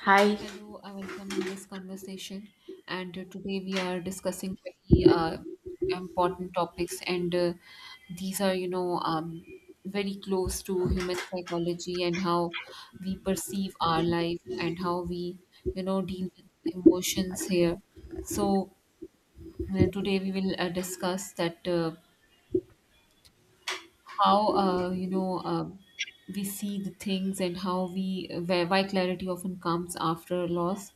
Hi. Hello, I welcome in this conversation. And today we are discussing very important topics, and these are, very close to human psychology and how we perceive our life and how we, deal with emotions here. So today we will discuss that. How you know we see the things and how we where why clarity often comes after loss.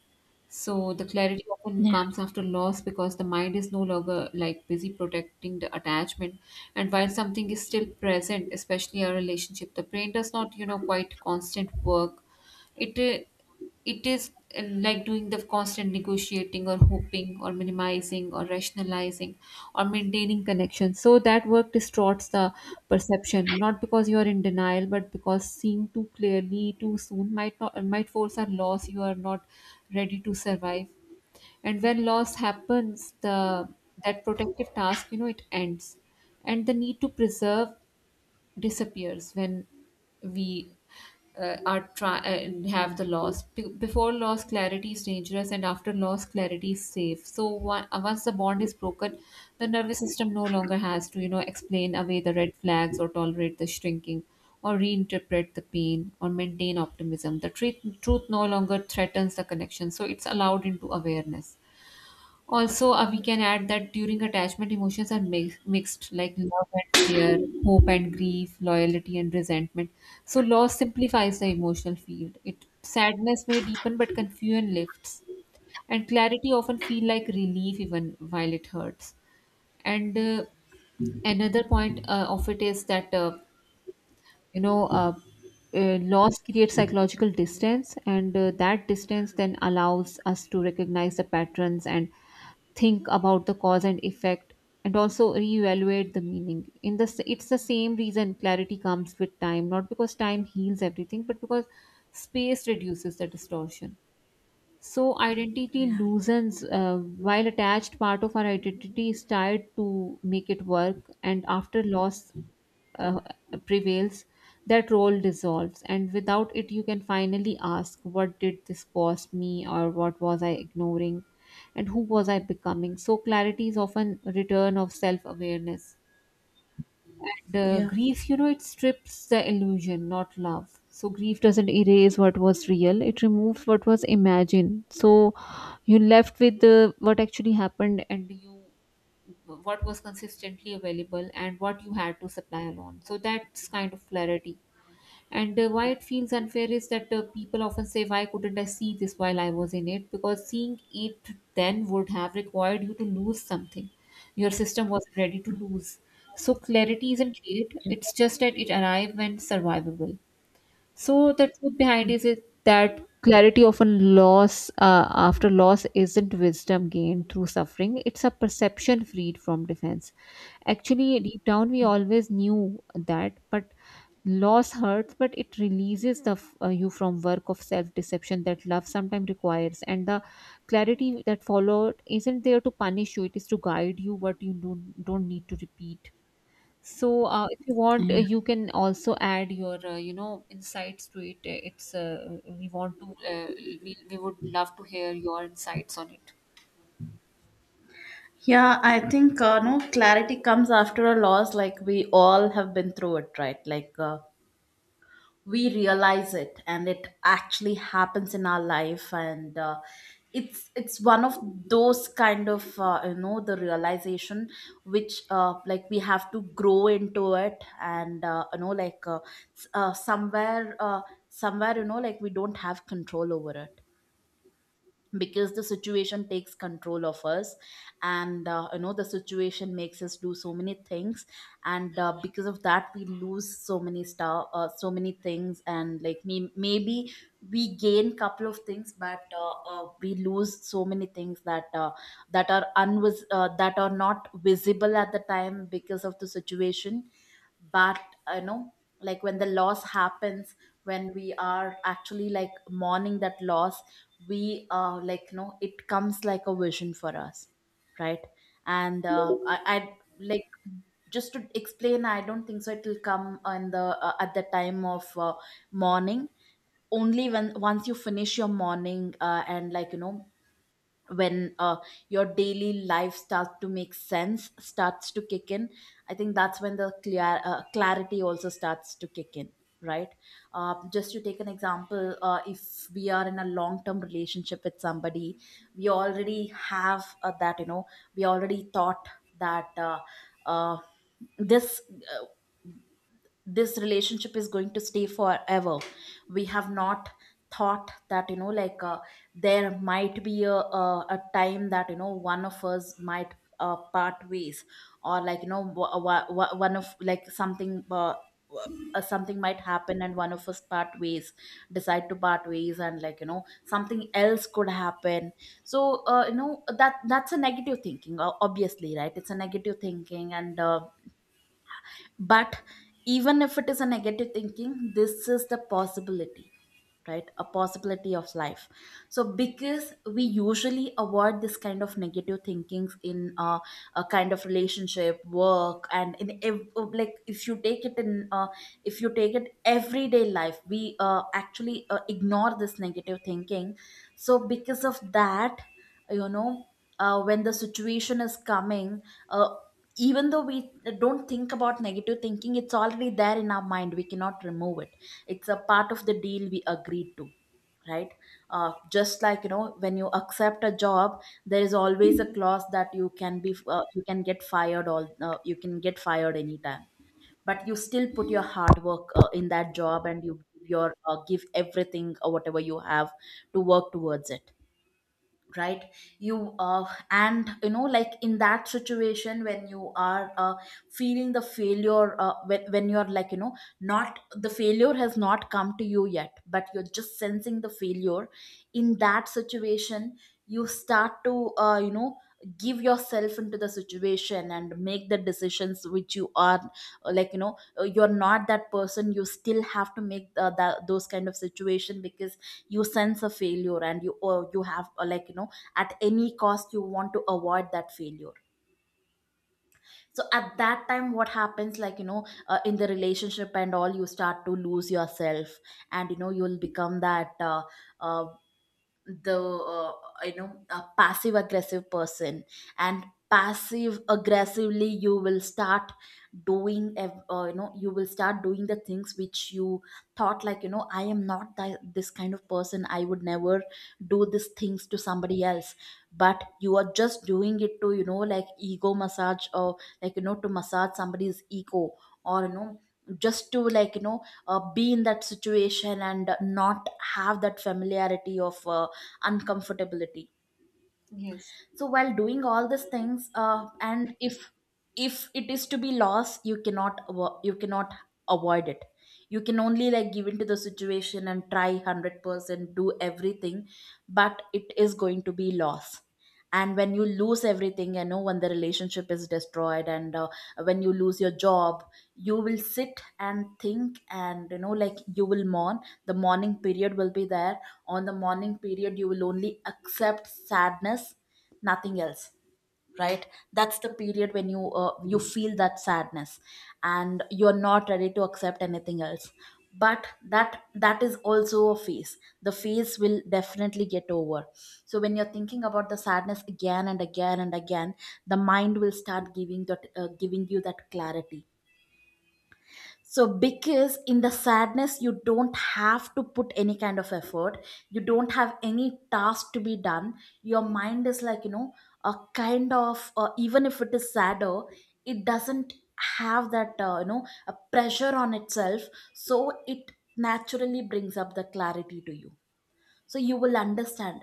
So the clarity often Yeah, comes after loss because the mind is no longer like busy protecting the attachment. And while something is still present, especially a relationship, the brain does not, you know, quite constant work. It uh, it is uh, like doing the constant negotiating or hoping or minimizing or rationalizing or maintaining connection, so that work distorts the perception, not because you are in denial but because seeing too clearly too soon might not might force a loss you are not ready to survive. And when loss happens, the that protective task, you know, it ends, and the need to preserve disappears when we are try and have the loss. Before loss, clarity is dangerous, and after loss, clarity is safe. So one, once the bond is broken, the nervous system no longer has to, you know, explain away the red flags or tolerate the shrinking. Or reinterpret the pain or maintain optimism. The truth no longer threatens the connection, so it's allowed into awareness. Also, we can add that during attachment, emotions are mixed, like love and fear, hope and grief, loyalty and resentment. So, loss simplifies the emotional field. It sadness may deepen, but confusion lifts, and clarity often feel like relief even while it hurts. And another point of it is that you know loss creates psychological distance, and that distance then allows us to recognize the patterns and think about the cause and effect and also reevaluate the meaning in this. It's the same reason clarity comes with time, not because time heals everything but because space reduces the distortion. So identity Yeah. loosens while attached part of our identity is tied to make it work, and after loss uh, prevails, that role dissolves, and without it you can finally ask, what did this cost me, or what was I ignoring and who was I becoming? So clarity is often a return of self awareness. And Yeah. grief, you know, it strips the illusion, not love. So grief doesn't erase what was real; it removes what was imagined. So you left with the what actually happened, and you what was consistently available, and what you had to supply alone. So that's kind of clarity. And why it feels unfair is that people often say, why couldn't I see this while I was in it? Because seeing it then would have required you to lose something. Your system was ready to lose. So clarity isn't great, yeah, it's just that it arrived when survivable. So the truth behind Mm, is it that clarity often loss after loss isn't wisdom gained through suffering. It's a perception freed from defense. Actually, deep down we always knew that, but loss hurts, but it releases the you from work of self deception that love sometimes requires. And the clarity that followed isn't there to punish you; it is to guide you what you don't need to repeat. So, if you want, Yeah. you can also add your, insights to it. It's we want to, we would love to hear your insights on it. Yeah, I think no, clarity comes after a loss. Like we all have been through it, right? We realize it, and it actually happens in our life, and it's one of those kind of the realization which like we have to grow into it, and you know like s- somewhere somewhere, you know, like we don't have control over it because the situation takes control of us, and the situation makes us do so many things, and because of that we lose so many star so many things, and like me maybe we gain couple of things, but we lose so many things that that are not visible at the time because of the situation. But you know, like when the loss happens, when we are actually like mourning that loss, we like you know it comes like a vision for us, right? And I like, just to explain, I don't think so it will come in the at the time of morning. Only when once you finish your morning, and like, you know, when your daily life starts to make sense, starts to kick in, I think that's when the clear clarity also starts to kick in, right? Just to take an example, if we are in a long term relationship with somebody, we already have, that, you know, we already thought that uh, this uh, this relationship is going to stay forever. We have not thought that, you know, there might be a time that, you know, one of us might part ways, or like, you know, one of, like, something w- something might happen, and one of us part ways, decide to part ways, and like, you know, something else could happen. So you know, that that's a negative thinking, obviously, right? It's a negative thinking, and but even if it is a negative thinking, this is the possibility, right? A possibility of life. So because we usually avoid this kind of negative thinkings in a kind of relationship work, and in like, if you take it in if you take it everyday life, we actually ignore this negative thinking. So because of that, you know, when the situation is coming, uh, even though we don't think about negative thinking, it's already there in our mind, we cannot remove it. It's a part of the deal we agreed to, right? Just like, you know, when you accept a job, there is always a clause that you can get fired all you can get fired anytime, but you still put your hard work in that job, and you give your give everything or whatever you have to work towards it, right? You uh, and you know, like in that situation when you are feeling the failure, when you're like, you know, not the failure, has not come to you yet, but you're just sensing the failure. In that situation, you start to give yourself into the situation and make the decisions which you are you're not that person, you still have to make that those kind of situation, because you sense a failure, and you, or you have, or like, you know, at any cost you want to avoid that failure. So at that time, what happens, like, you know, in the relationship and all, you start to lose yourself, and you know, you'll become that uh, the you know, a passive aggressive person. And passive aggressively you will start doing, you will start doing the things which you thought, like, you know, I am not this kind of person, I would never do these things to somebody else, but you are just doing it to, you know, like, ego massage, or like, you know, to massage somebody's ego, or, you know, just to, like, you know, be in that situation and not have that familiarity of uncomfortability. Yes. So while doing all these things, and if it is to be loss, you cannot avoid it. You can only, like, give into the situation and try 100% do everything, but it is going to be loss. And when you lose everything, you know, when the relationship is destroyed, and when you lose your job, you will sit and think, and you know, like, you will mourn. The mourning period will be there. On the mourning period, you will only accept sadness, nothing else, right? That's the period when you feel that sadness, and you're not ready to accept anything else. But that is also a phase, the phase will definitely get over. So when you're thinking about the sadness again and again and again, the mind will start giving that giving you that clarity. So, because in the sadness, you don't have to put any kind of effort, you don't have any task to be done. Your mind is like, you know, a kind of, even if it is sadder, it doesn't have that, a pressure on itself. So, it naturally brings up the clarity to you. So, you will understand.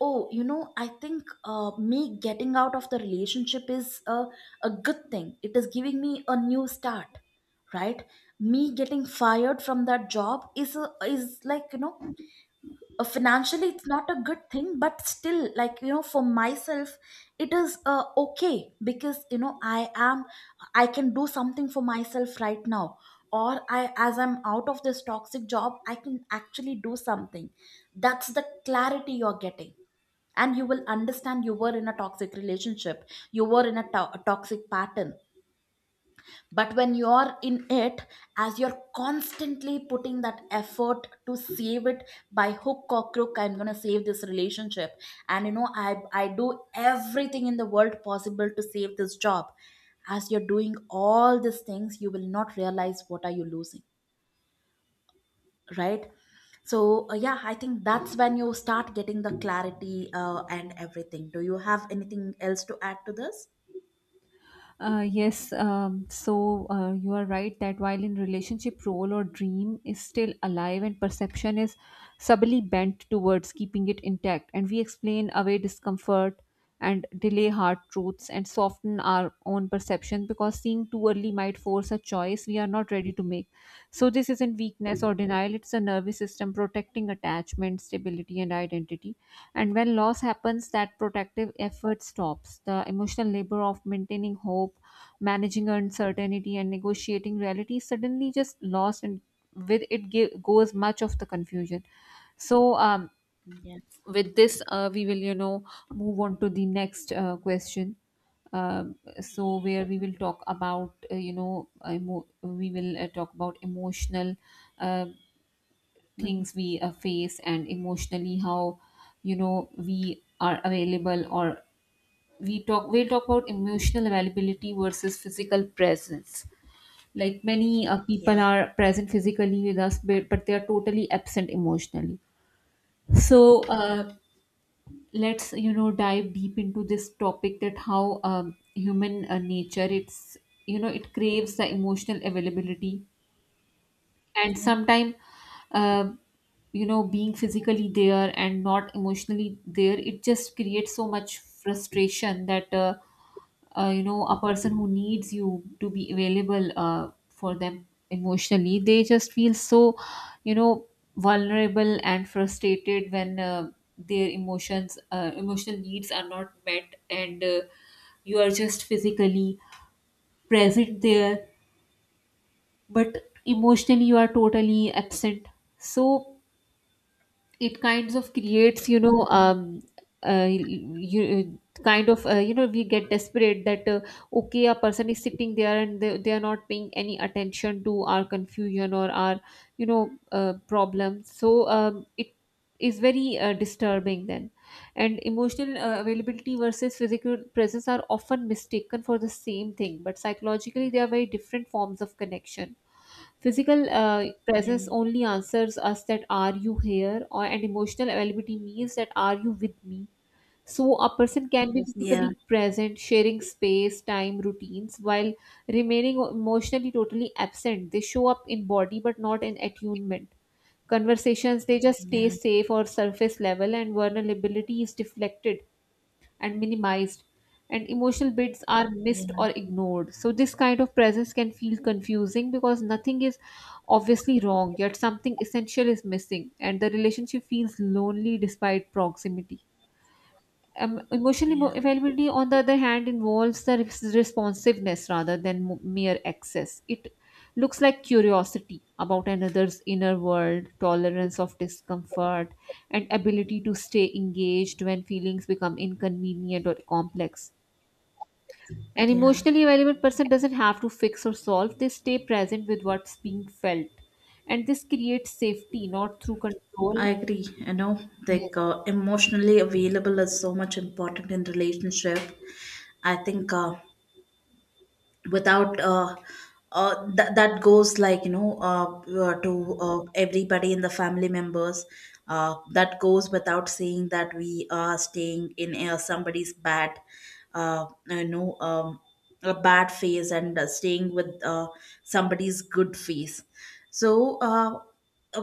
Oh, you know, I think me getting out of the relationship is a good thing. It is giving me a new start, right? Me getting fired from that job is a, is like, you know, financially it's not a good thing, but still, like, you know, for myself, it is okay, because, you know, I can do something for myself right now. Or I, as I'm out of this toxic job, I can actually do something. That's the clarity you're getting. And you will understand you were in a toxic relationship, you were in a, a toxic pattern. But when you're in it, as you're constantly putting that effort to save it, by hook or crook, I'm going to save this relationship, and you know, I do everything in the world possible to save this job. As you're doing all these things, you will not realize what are you losing, right? So yeah, I think that's when you start getting the clarity, and everything. Do you have anything else to add to this? You are right that while in relationship, role or dream is still alive and perception is subtly bent towards keeping it intact, and we explain away discomfort and delay hard truths and soften our own perception because seeing too early might force a choice we are not ready to make. So, this isn't weakness or denial, it's a nervous system protecting attachment, stability, and identity, and when loss happens, that protective effort stops. The emotional labor of maintaining hope, managing uncertainty, and negotiating reality is suddenly just lost, and with it goes much of the confusion. So, um, Yeah. with this, we will, you know, move on to the next question. So, where we will talk about, we will talk about emotional. Uh, hmm things we face and emotionally how, you know, we are available, or we'll talk about emotional availability versus physical presence. Like many people yeah, are present physically with us, but they are totally absent emotionally. so yeah, uh, let's, you know, dive deep into this topic, that how human nature it's, you know, it craves the emotional availability. And yeah. sometimes uh, you know, being physically there and not emotionally there, it just creates so much frustration that you know, a person who needs you to be available for them emotionally, they just feel so, you know, vulnerable and frustrated when their emotions emotional needs are not met, and you are just physically present there, but emotionally you are totally absent. So it kinds of creates, you know, you kind of you know, we get desperate that okay, a person is sitting there and they are not paying any attention to our confusion or our, problems. So it is very disturbing then. And emotional availability versus physical presence are often mistaken for the same thing, but psychologically they are very different forms of connection. Physical Yeah. presence only answers us that are you here or, and emotional availability means that are you with me. So a person can be Yeah. physically present, sharing space, time, routines, while remaining emotionally totally absent. They show up in body but not in attunement. Conversations they just stay Yeah, safe or surface level, and vulnerability is deflected and minimized, and emotional bits are missed yeah, or ignored. So this kind of presence can feel confusing because nothing is obviously wrong, yet something essential is missing, and the relationship feels lonely despite proximity. Emotional yeah, availability, on the other hand, involves the responsiveness rather than mere access. It looks like curiosity about another's inner world, tolerance of discomfort, and ability to stay engaged when feelings become inconvenient or complex. An yeah. emotionally available person doesn't have to fix or solve, they stay present with what's being felt. And this creates safety, not through control. I agree. You know, Yes. like, emotionally available is so much important in relationship. I think without that that goes, like, you know, to, everybody in the family members. That goes without saying that we are staying in, somebody's bad, uh, you know, um, a bad phase, and staying with somebody's good phase. So.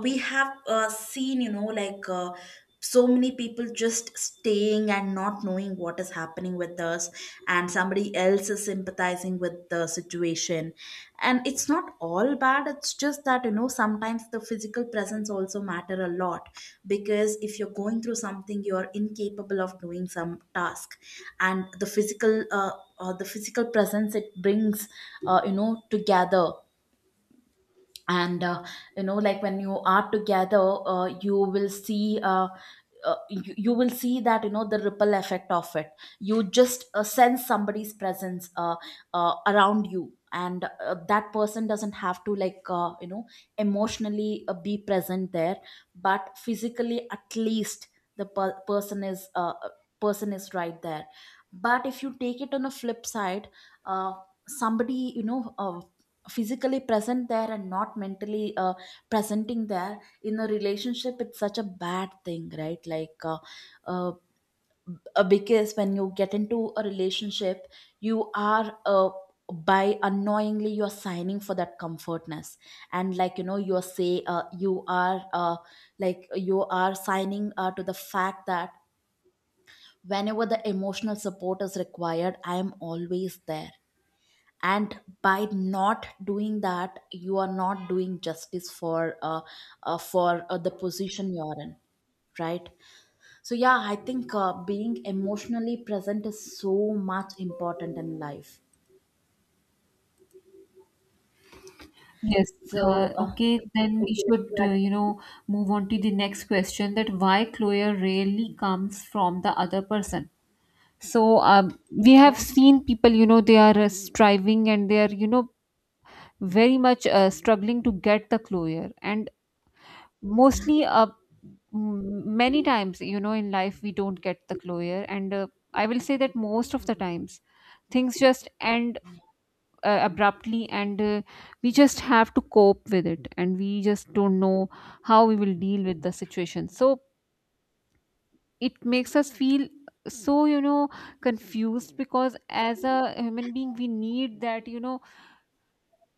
We have seen, you know, so many people just staying and not knowing what is happening with us, and somebody else is sympathizing with the situation. And it's not all bad, it's just that, you know, sometimes the physical presence also matter a lot, because if you're going through something, you're incapable of doing some task, and the physical presence, it brings you know, together. And you know, like, when you are together, you will see, you will see that, you know, the ripple effect of it. You just sense somebody's presence around you, and that person doesn't have to, like, you know, emotionally be present there, but physically, at least, the person is right there. But if you take it on a flip side, uh, somebody, you know, physically present there and not mentally presenting there in a relationship, it's such a bad thing, right? Like, uh, because when you get into a relationship, you are by unknowingly, you are signing for that comfortness, and, like, you know, you are say you are like, you are signing to the fact that whenever the emotional support is required, I am always there. And by not doing that, you are not doing justice for the position you are in, right? So yeah, I think being emotionally present is so much important in life. Yes. So Okay, then would we you like should, to add anything? Move on to the next question, that why closure rarely comes from the other person. So, we have yeah seen people, you know, they are striving and they are, you know, very much struggling to get the closure. And mostly, many times, you know, in life, we don't get the closure. And I will say that most of the times, things just end abruptly, and we just have to cope with it and we just don't know how we will deal with the situation. So it makes us feel so, you know, confused because as a human being we need that, you know,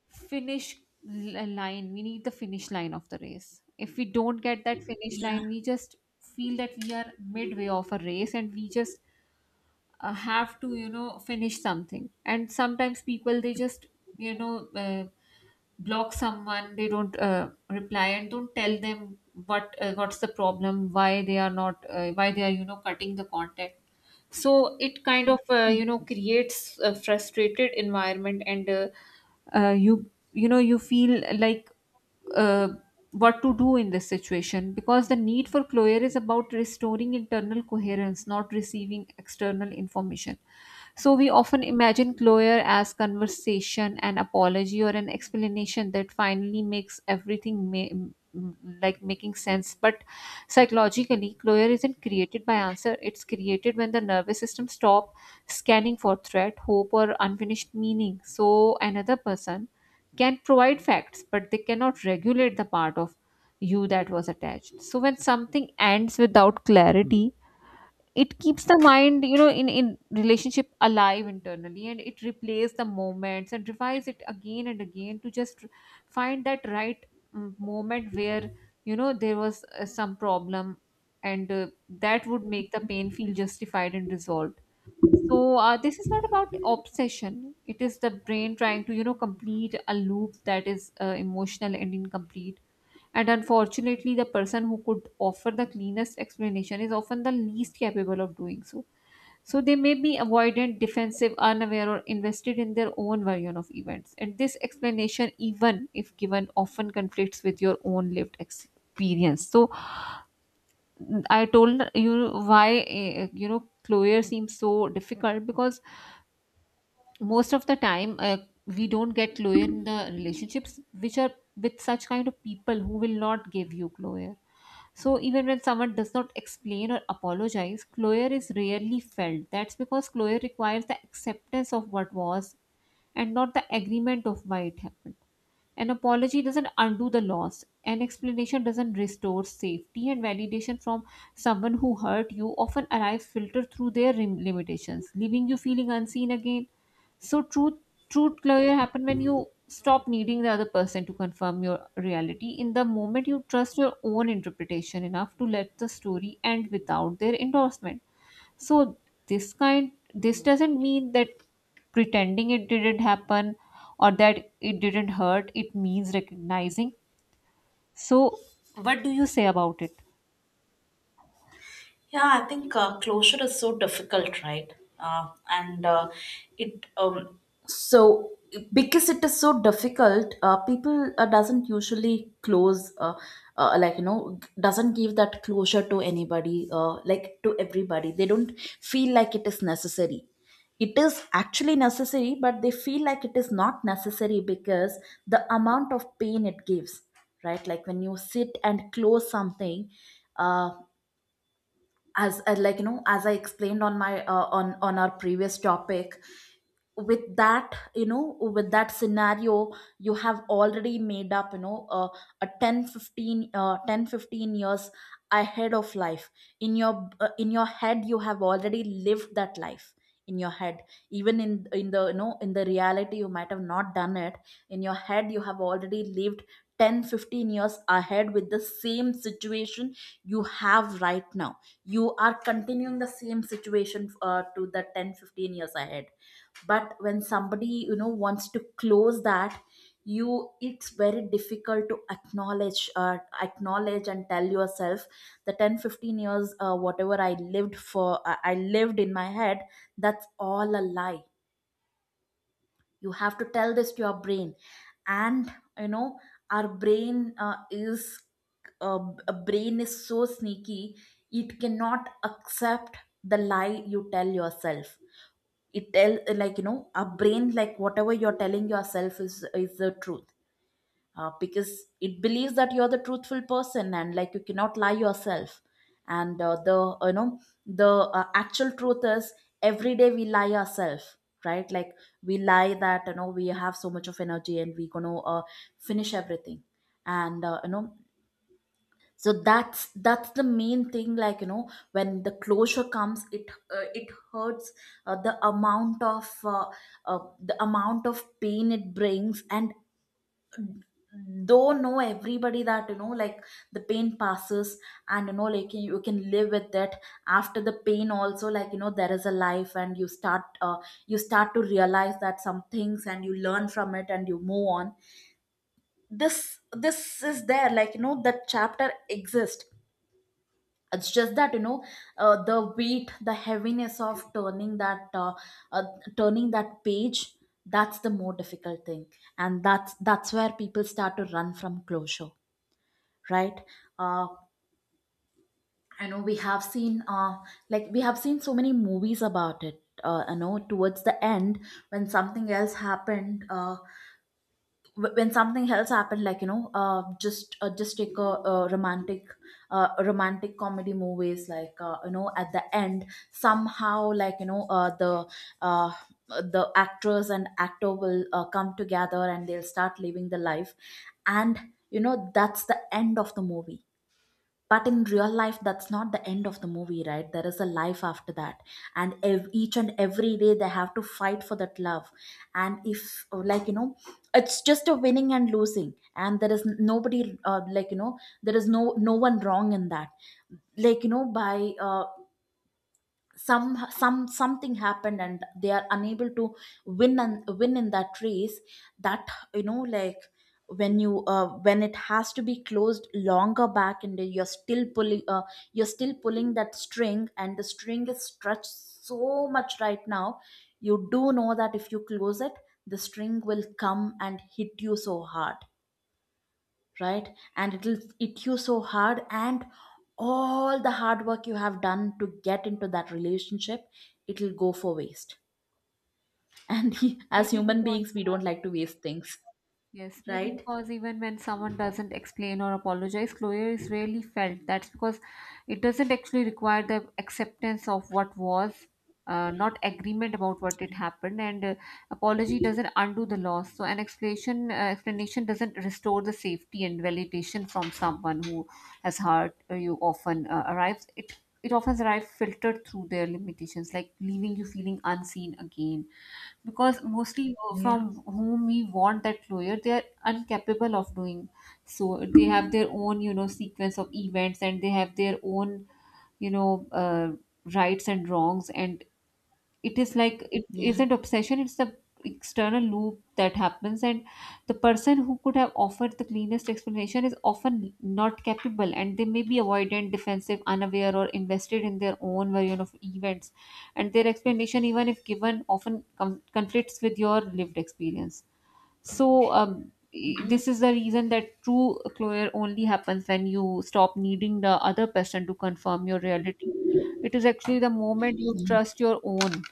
finish l- line we need the finish line of the race. If we don't get that finish line, yeah we just feel that we are midway of a race and we just have to, you know, finish something. And sometimes people they just, you know uh, block someone, they don't reply and don't tell them what's the problem, why they are not why they are, you know, cutting the contact. So it kind of you know, creates a frustrated environment, and you, you know, you feel like uh, what to do in this situation, because the need for closure is about restoring internal coherence, not receiving external information. So we often imagine closure as conversation, an apology, or an explanation that finally makes everything like making sense. But psychologically, closure isn't created by answer. It's created when the nervous system stop scanning for threat, hope, or unfinished meaning. So another person can provide facts, but they cannot regulate the part of you that was attached. So when something ends without clarity, it keeps the mind, you know, in relationship alive internally, and it replays the moments and revives it again and again to just find that right, moment where, you know, there was some problem, and that would make the pain feel justified and resolved. So this is not about obsession. It is the brain trying to, you know, complete a loop that is emotional and incomplete. And unfortunately, the person who could offer the cleanest explanation is often the least capable of doing so. So they may be avoidant, defensive, unaware, or invested in their own version of events. And this explanation, even if given, often conflicts with your own lived experience. So I told you why, Cloyer seems so difficult because most of the time we don't get closure in the relationships which are with such kind of people who will not give you closure. So even when someone does not explain or apologize, closure is rarely felt. That's because closure requires the acceptance of what was and not the agreement of why it happened. An apology doesn't undo the loss. An explanation doesn't restore safety, and validation from someone who hurt you often arrives filtered through their limitations, leaving you feeling unseen again. So truth closure happen when you stop needing the other person to confirm your reality. In the moment you trust your own interpretation enough to let the story end without their endorsement. So this doesn't mean that pretending it didn't happen or that it didn't hurt. It means recognizing. So what do you say about it? Yeah, I think closure is so difficult, right? And it so Because it is so difficult, people doesn't usually close, like, doesn't give that closure to anybody, like to everybody. They don't feel like it is necessary. It is actually necessary, but they feel like it is not necessary because the amount of pain it gives, right? Like when you sit and close something. uh, as like, as I explained on my, on our previous topic, with that, with that scenario. You have already made up, you know a 10 15, 15 10 15 years ahead of life in your head. You have already lived that life in your head, even in the reality. You might have not done it. In your head you have already lived 10-15 years ahead with the same situation you have right now. You are continuing the same situation to the 10-15 years ahead. But when somebody wants to close that, you it's very difficult to acknowledge and tell yourself the 10-15 years, whatever I lived for, I lived in my head. That's all a lie. You have to tell this to your brain. And our brain is uh, a brain is so sneaky. It cannot accept the lie you tell yourself. It tell, like, our brain, like, whatever you're telling yourself is the truth, because it believes that you're the truthful person, and like, you cannot lie yourself. And the you know the actual truth is, every day we lie ourselves, right? Like, we lie that, we have so much of energy and we gonna finish everything. And, so that's the main thing. Like, when the closure comes, it hurts. Uh, the amount of pain it brings. And though, know everybody that, like, the pain passes. And, like, you can live with it. After the pain also, like, there is a life, and you start to realize that some things, and you learn from it and you move on. This is there. Like, that chapter exists. It's just that, the weight, the heaviness of turning that, uh, turning that page. That's the more difficult thing. And that's where people start to run from closure. Right. uh, I know we have seen, so many movies about it, towards the end, when something else happened. Like, just take a romantic comedy movies. Like, at the end somehow, like, uh, the actors and actor will come together and they'll start living the life. And, that's the end of the movie. But in real life, that's not the end of the movie, right? There is a life after that, and each and every day they have to fight for that love. And if, like, it's just a winning and losing, and there is nobody, like, there is no one wrong in that. Like, by, something happened and they are unable to win and win in that race. That, like, when you, when it has to be closed longer back, and you're still pulling that string, and the string is stretched so much right now. You do know that if you close it, the string will come and hit you so hard, right? And it'll it you so hard. And all the hard work you have done to get into that relationship, it'll go for waste. And as Maybe human because. beings we don't like to waste things. Yes, maybe Right. because even when someone doesn't explain or apologize, closure is rarely felt. That's because it doesn't actually require the acceptance of what was, not agreement about what it happened, and apology doesn't undo the loss. So an explanation explanation doesn't restore the safety and validation from someone who has hurt you. Often arrives it it often arrives filtered through their limitations, like leaving you feeling unseen again, because mostly Yeah. from whom we want that lawyer, they are incapable of doing. So they have their own, you know, sequence of events, and they have their own, you know, rights and wrongs, and it is like it Yeah, isn't obsession. It's the external loop that happens. And the person who could have offered the cleanest explanation is often not capable, and they may be avoidant, defensive, unaware, or invested in their own version of events. And their explanation, even if given, often conflicts with your lived experience. So yeah. this is the reason that true closure only happens when you stop needing the other person to confirm your reality. It is actually the moment you trust your own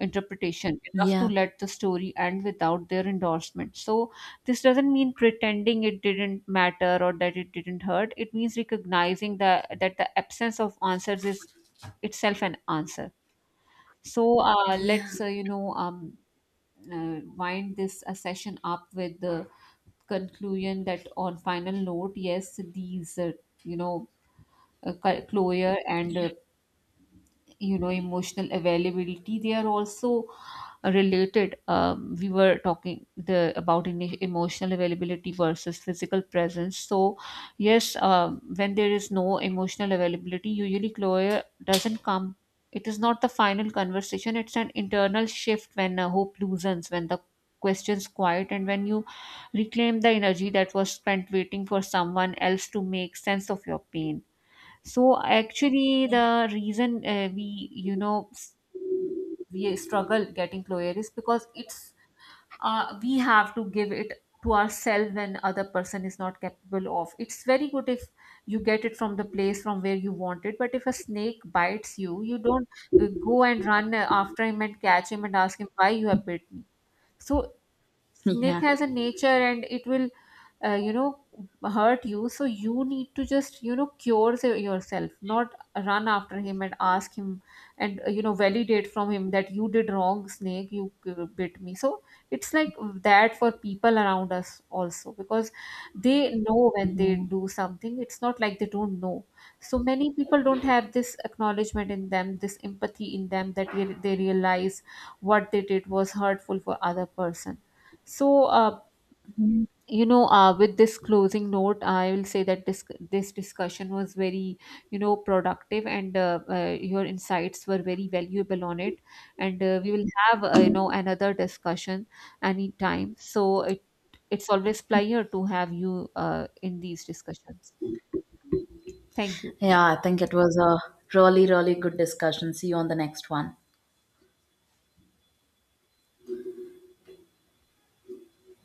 interpretation Yeah. enough to Yeah, let the story end without their endorsement. So this doesn't mean pretending it didn't matter or that it didn't hurt. It means recognizing that the absence of answers is itself an answer. So, yeah. let's, you know, wind this session up with the conclusion that on final note, yes, these, you know, closure and, you know, emotional availability, they are also related. Um, we were talking the about emotional availability versus physical presence. So yes, when there is no emotional availability, usually closure doesn't come. It is not the final conversation, it's an internal shift, when hope loosens, when the questions quiet, and when you reclaim the energy that was spent waiting for someone else to make sense of your pain. So actually, the reason we you know s- we struggle getting closure is because it's we have to give it to ourselves when other person is not capable of It's very good if you get it from the place from where you want it, but if a snake bites you, you don't go and run after him and catch him and ask him why you have bit me. So snake Yeah, has a nature and it will, you know, hurt you, so you need to just, you know, cure yourself, not run after him and ask him and, you know, validate from him that you did wrong, snake, you bit me. So it's like that for people around us also, because they know when they do something. It's not like they don't know. So many people don't have this acknowledgement in them, this empathy in them, that they realize what they did was hurtful for other person. So, you know, with this closing note, I will say that this discussion was very, you know, productive, and your insights were very valuable on it. And we will have, you know, another discussion anytime. So it's always pleasure to have you in these discussions. Thank you. yeah, I think it was a really really good discussion. See you on the next one.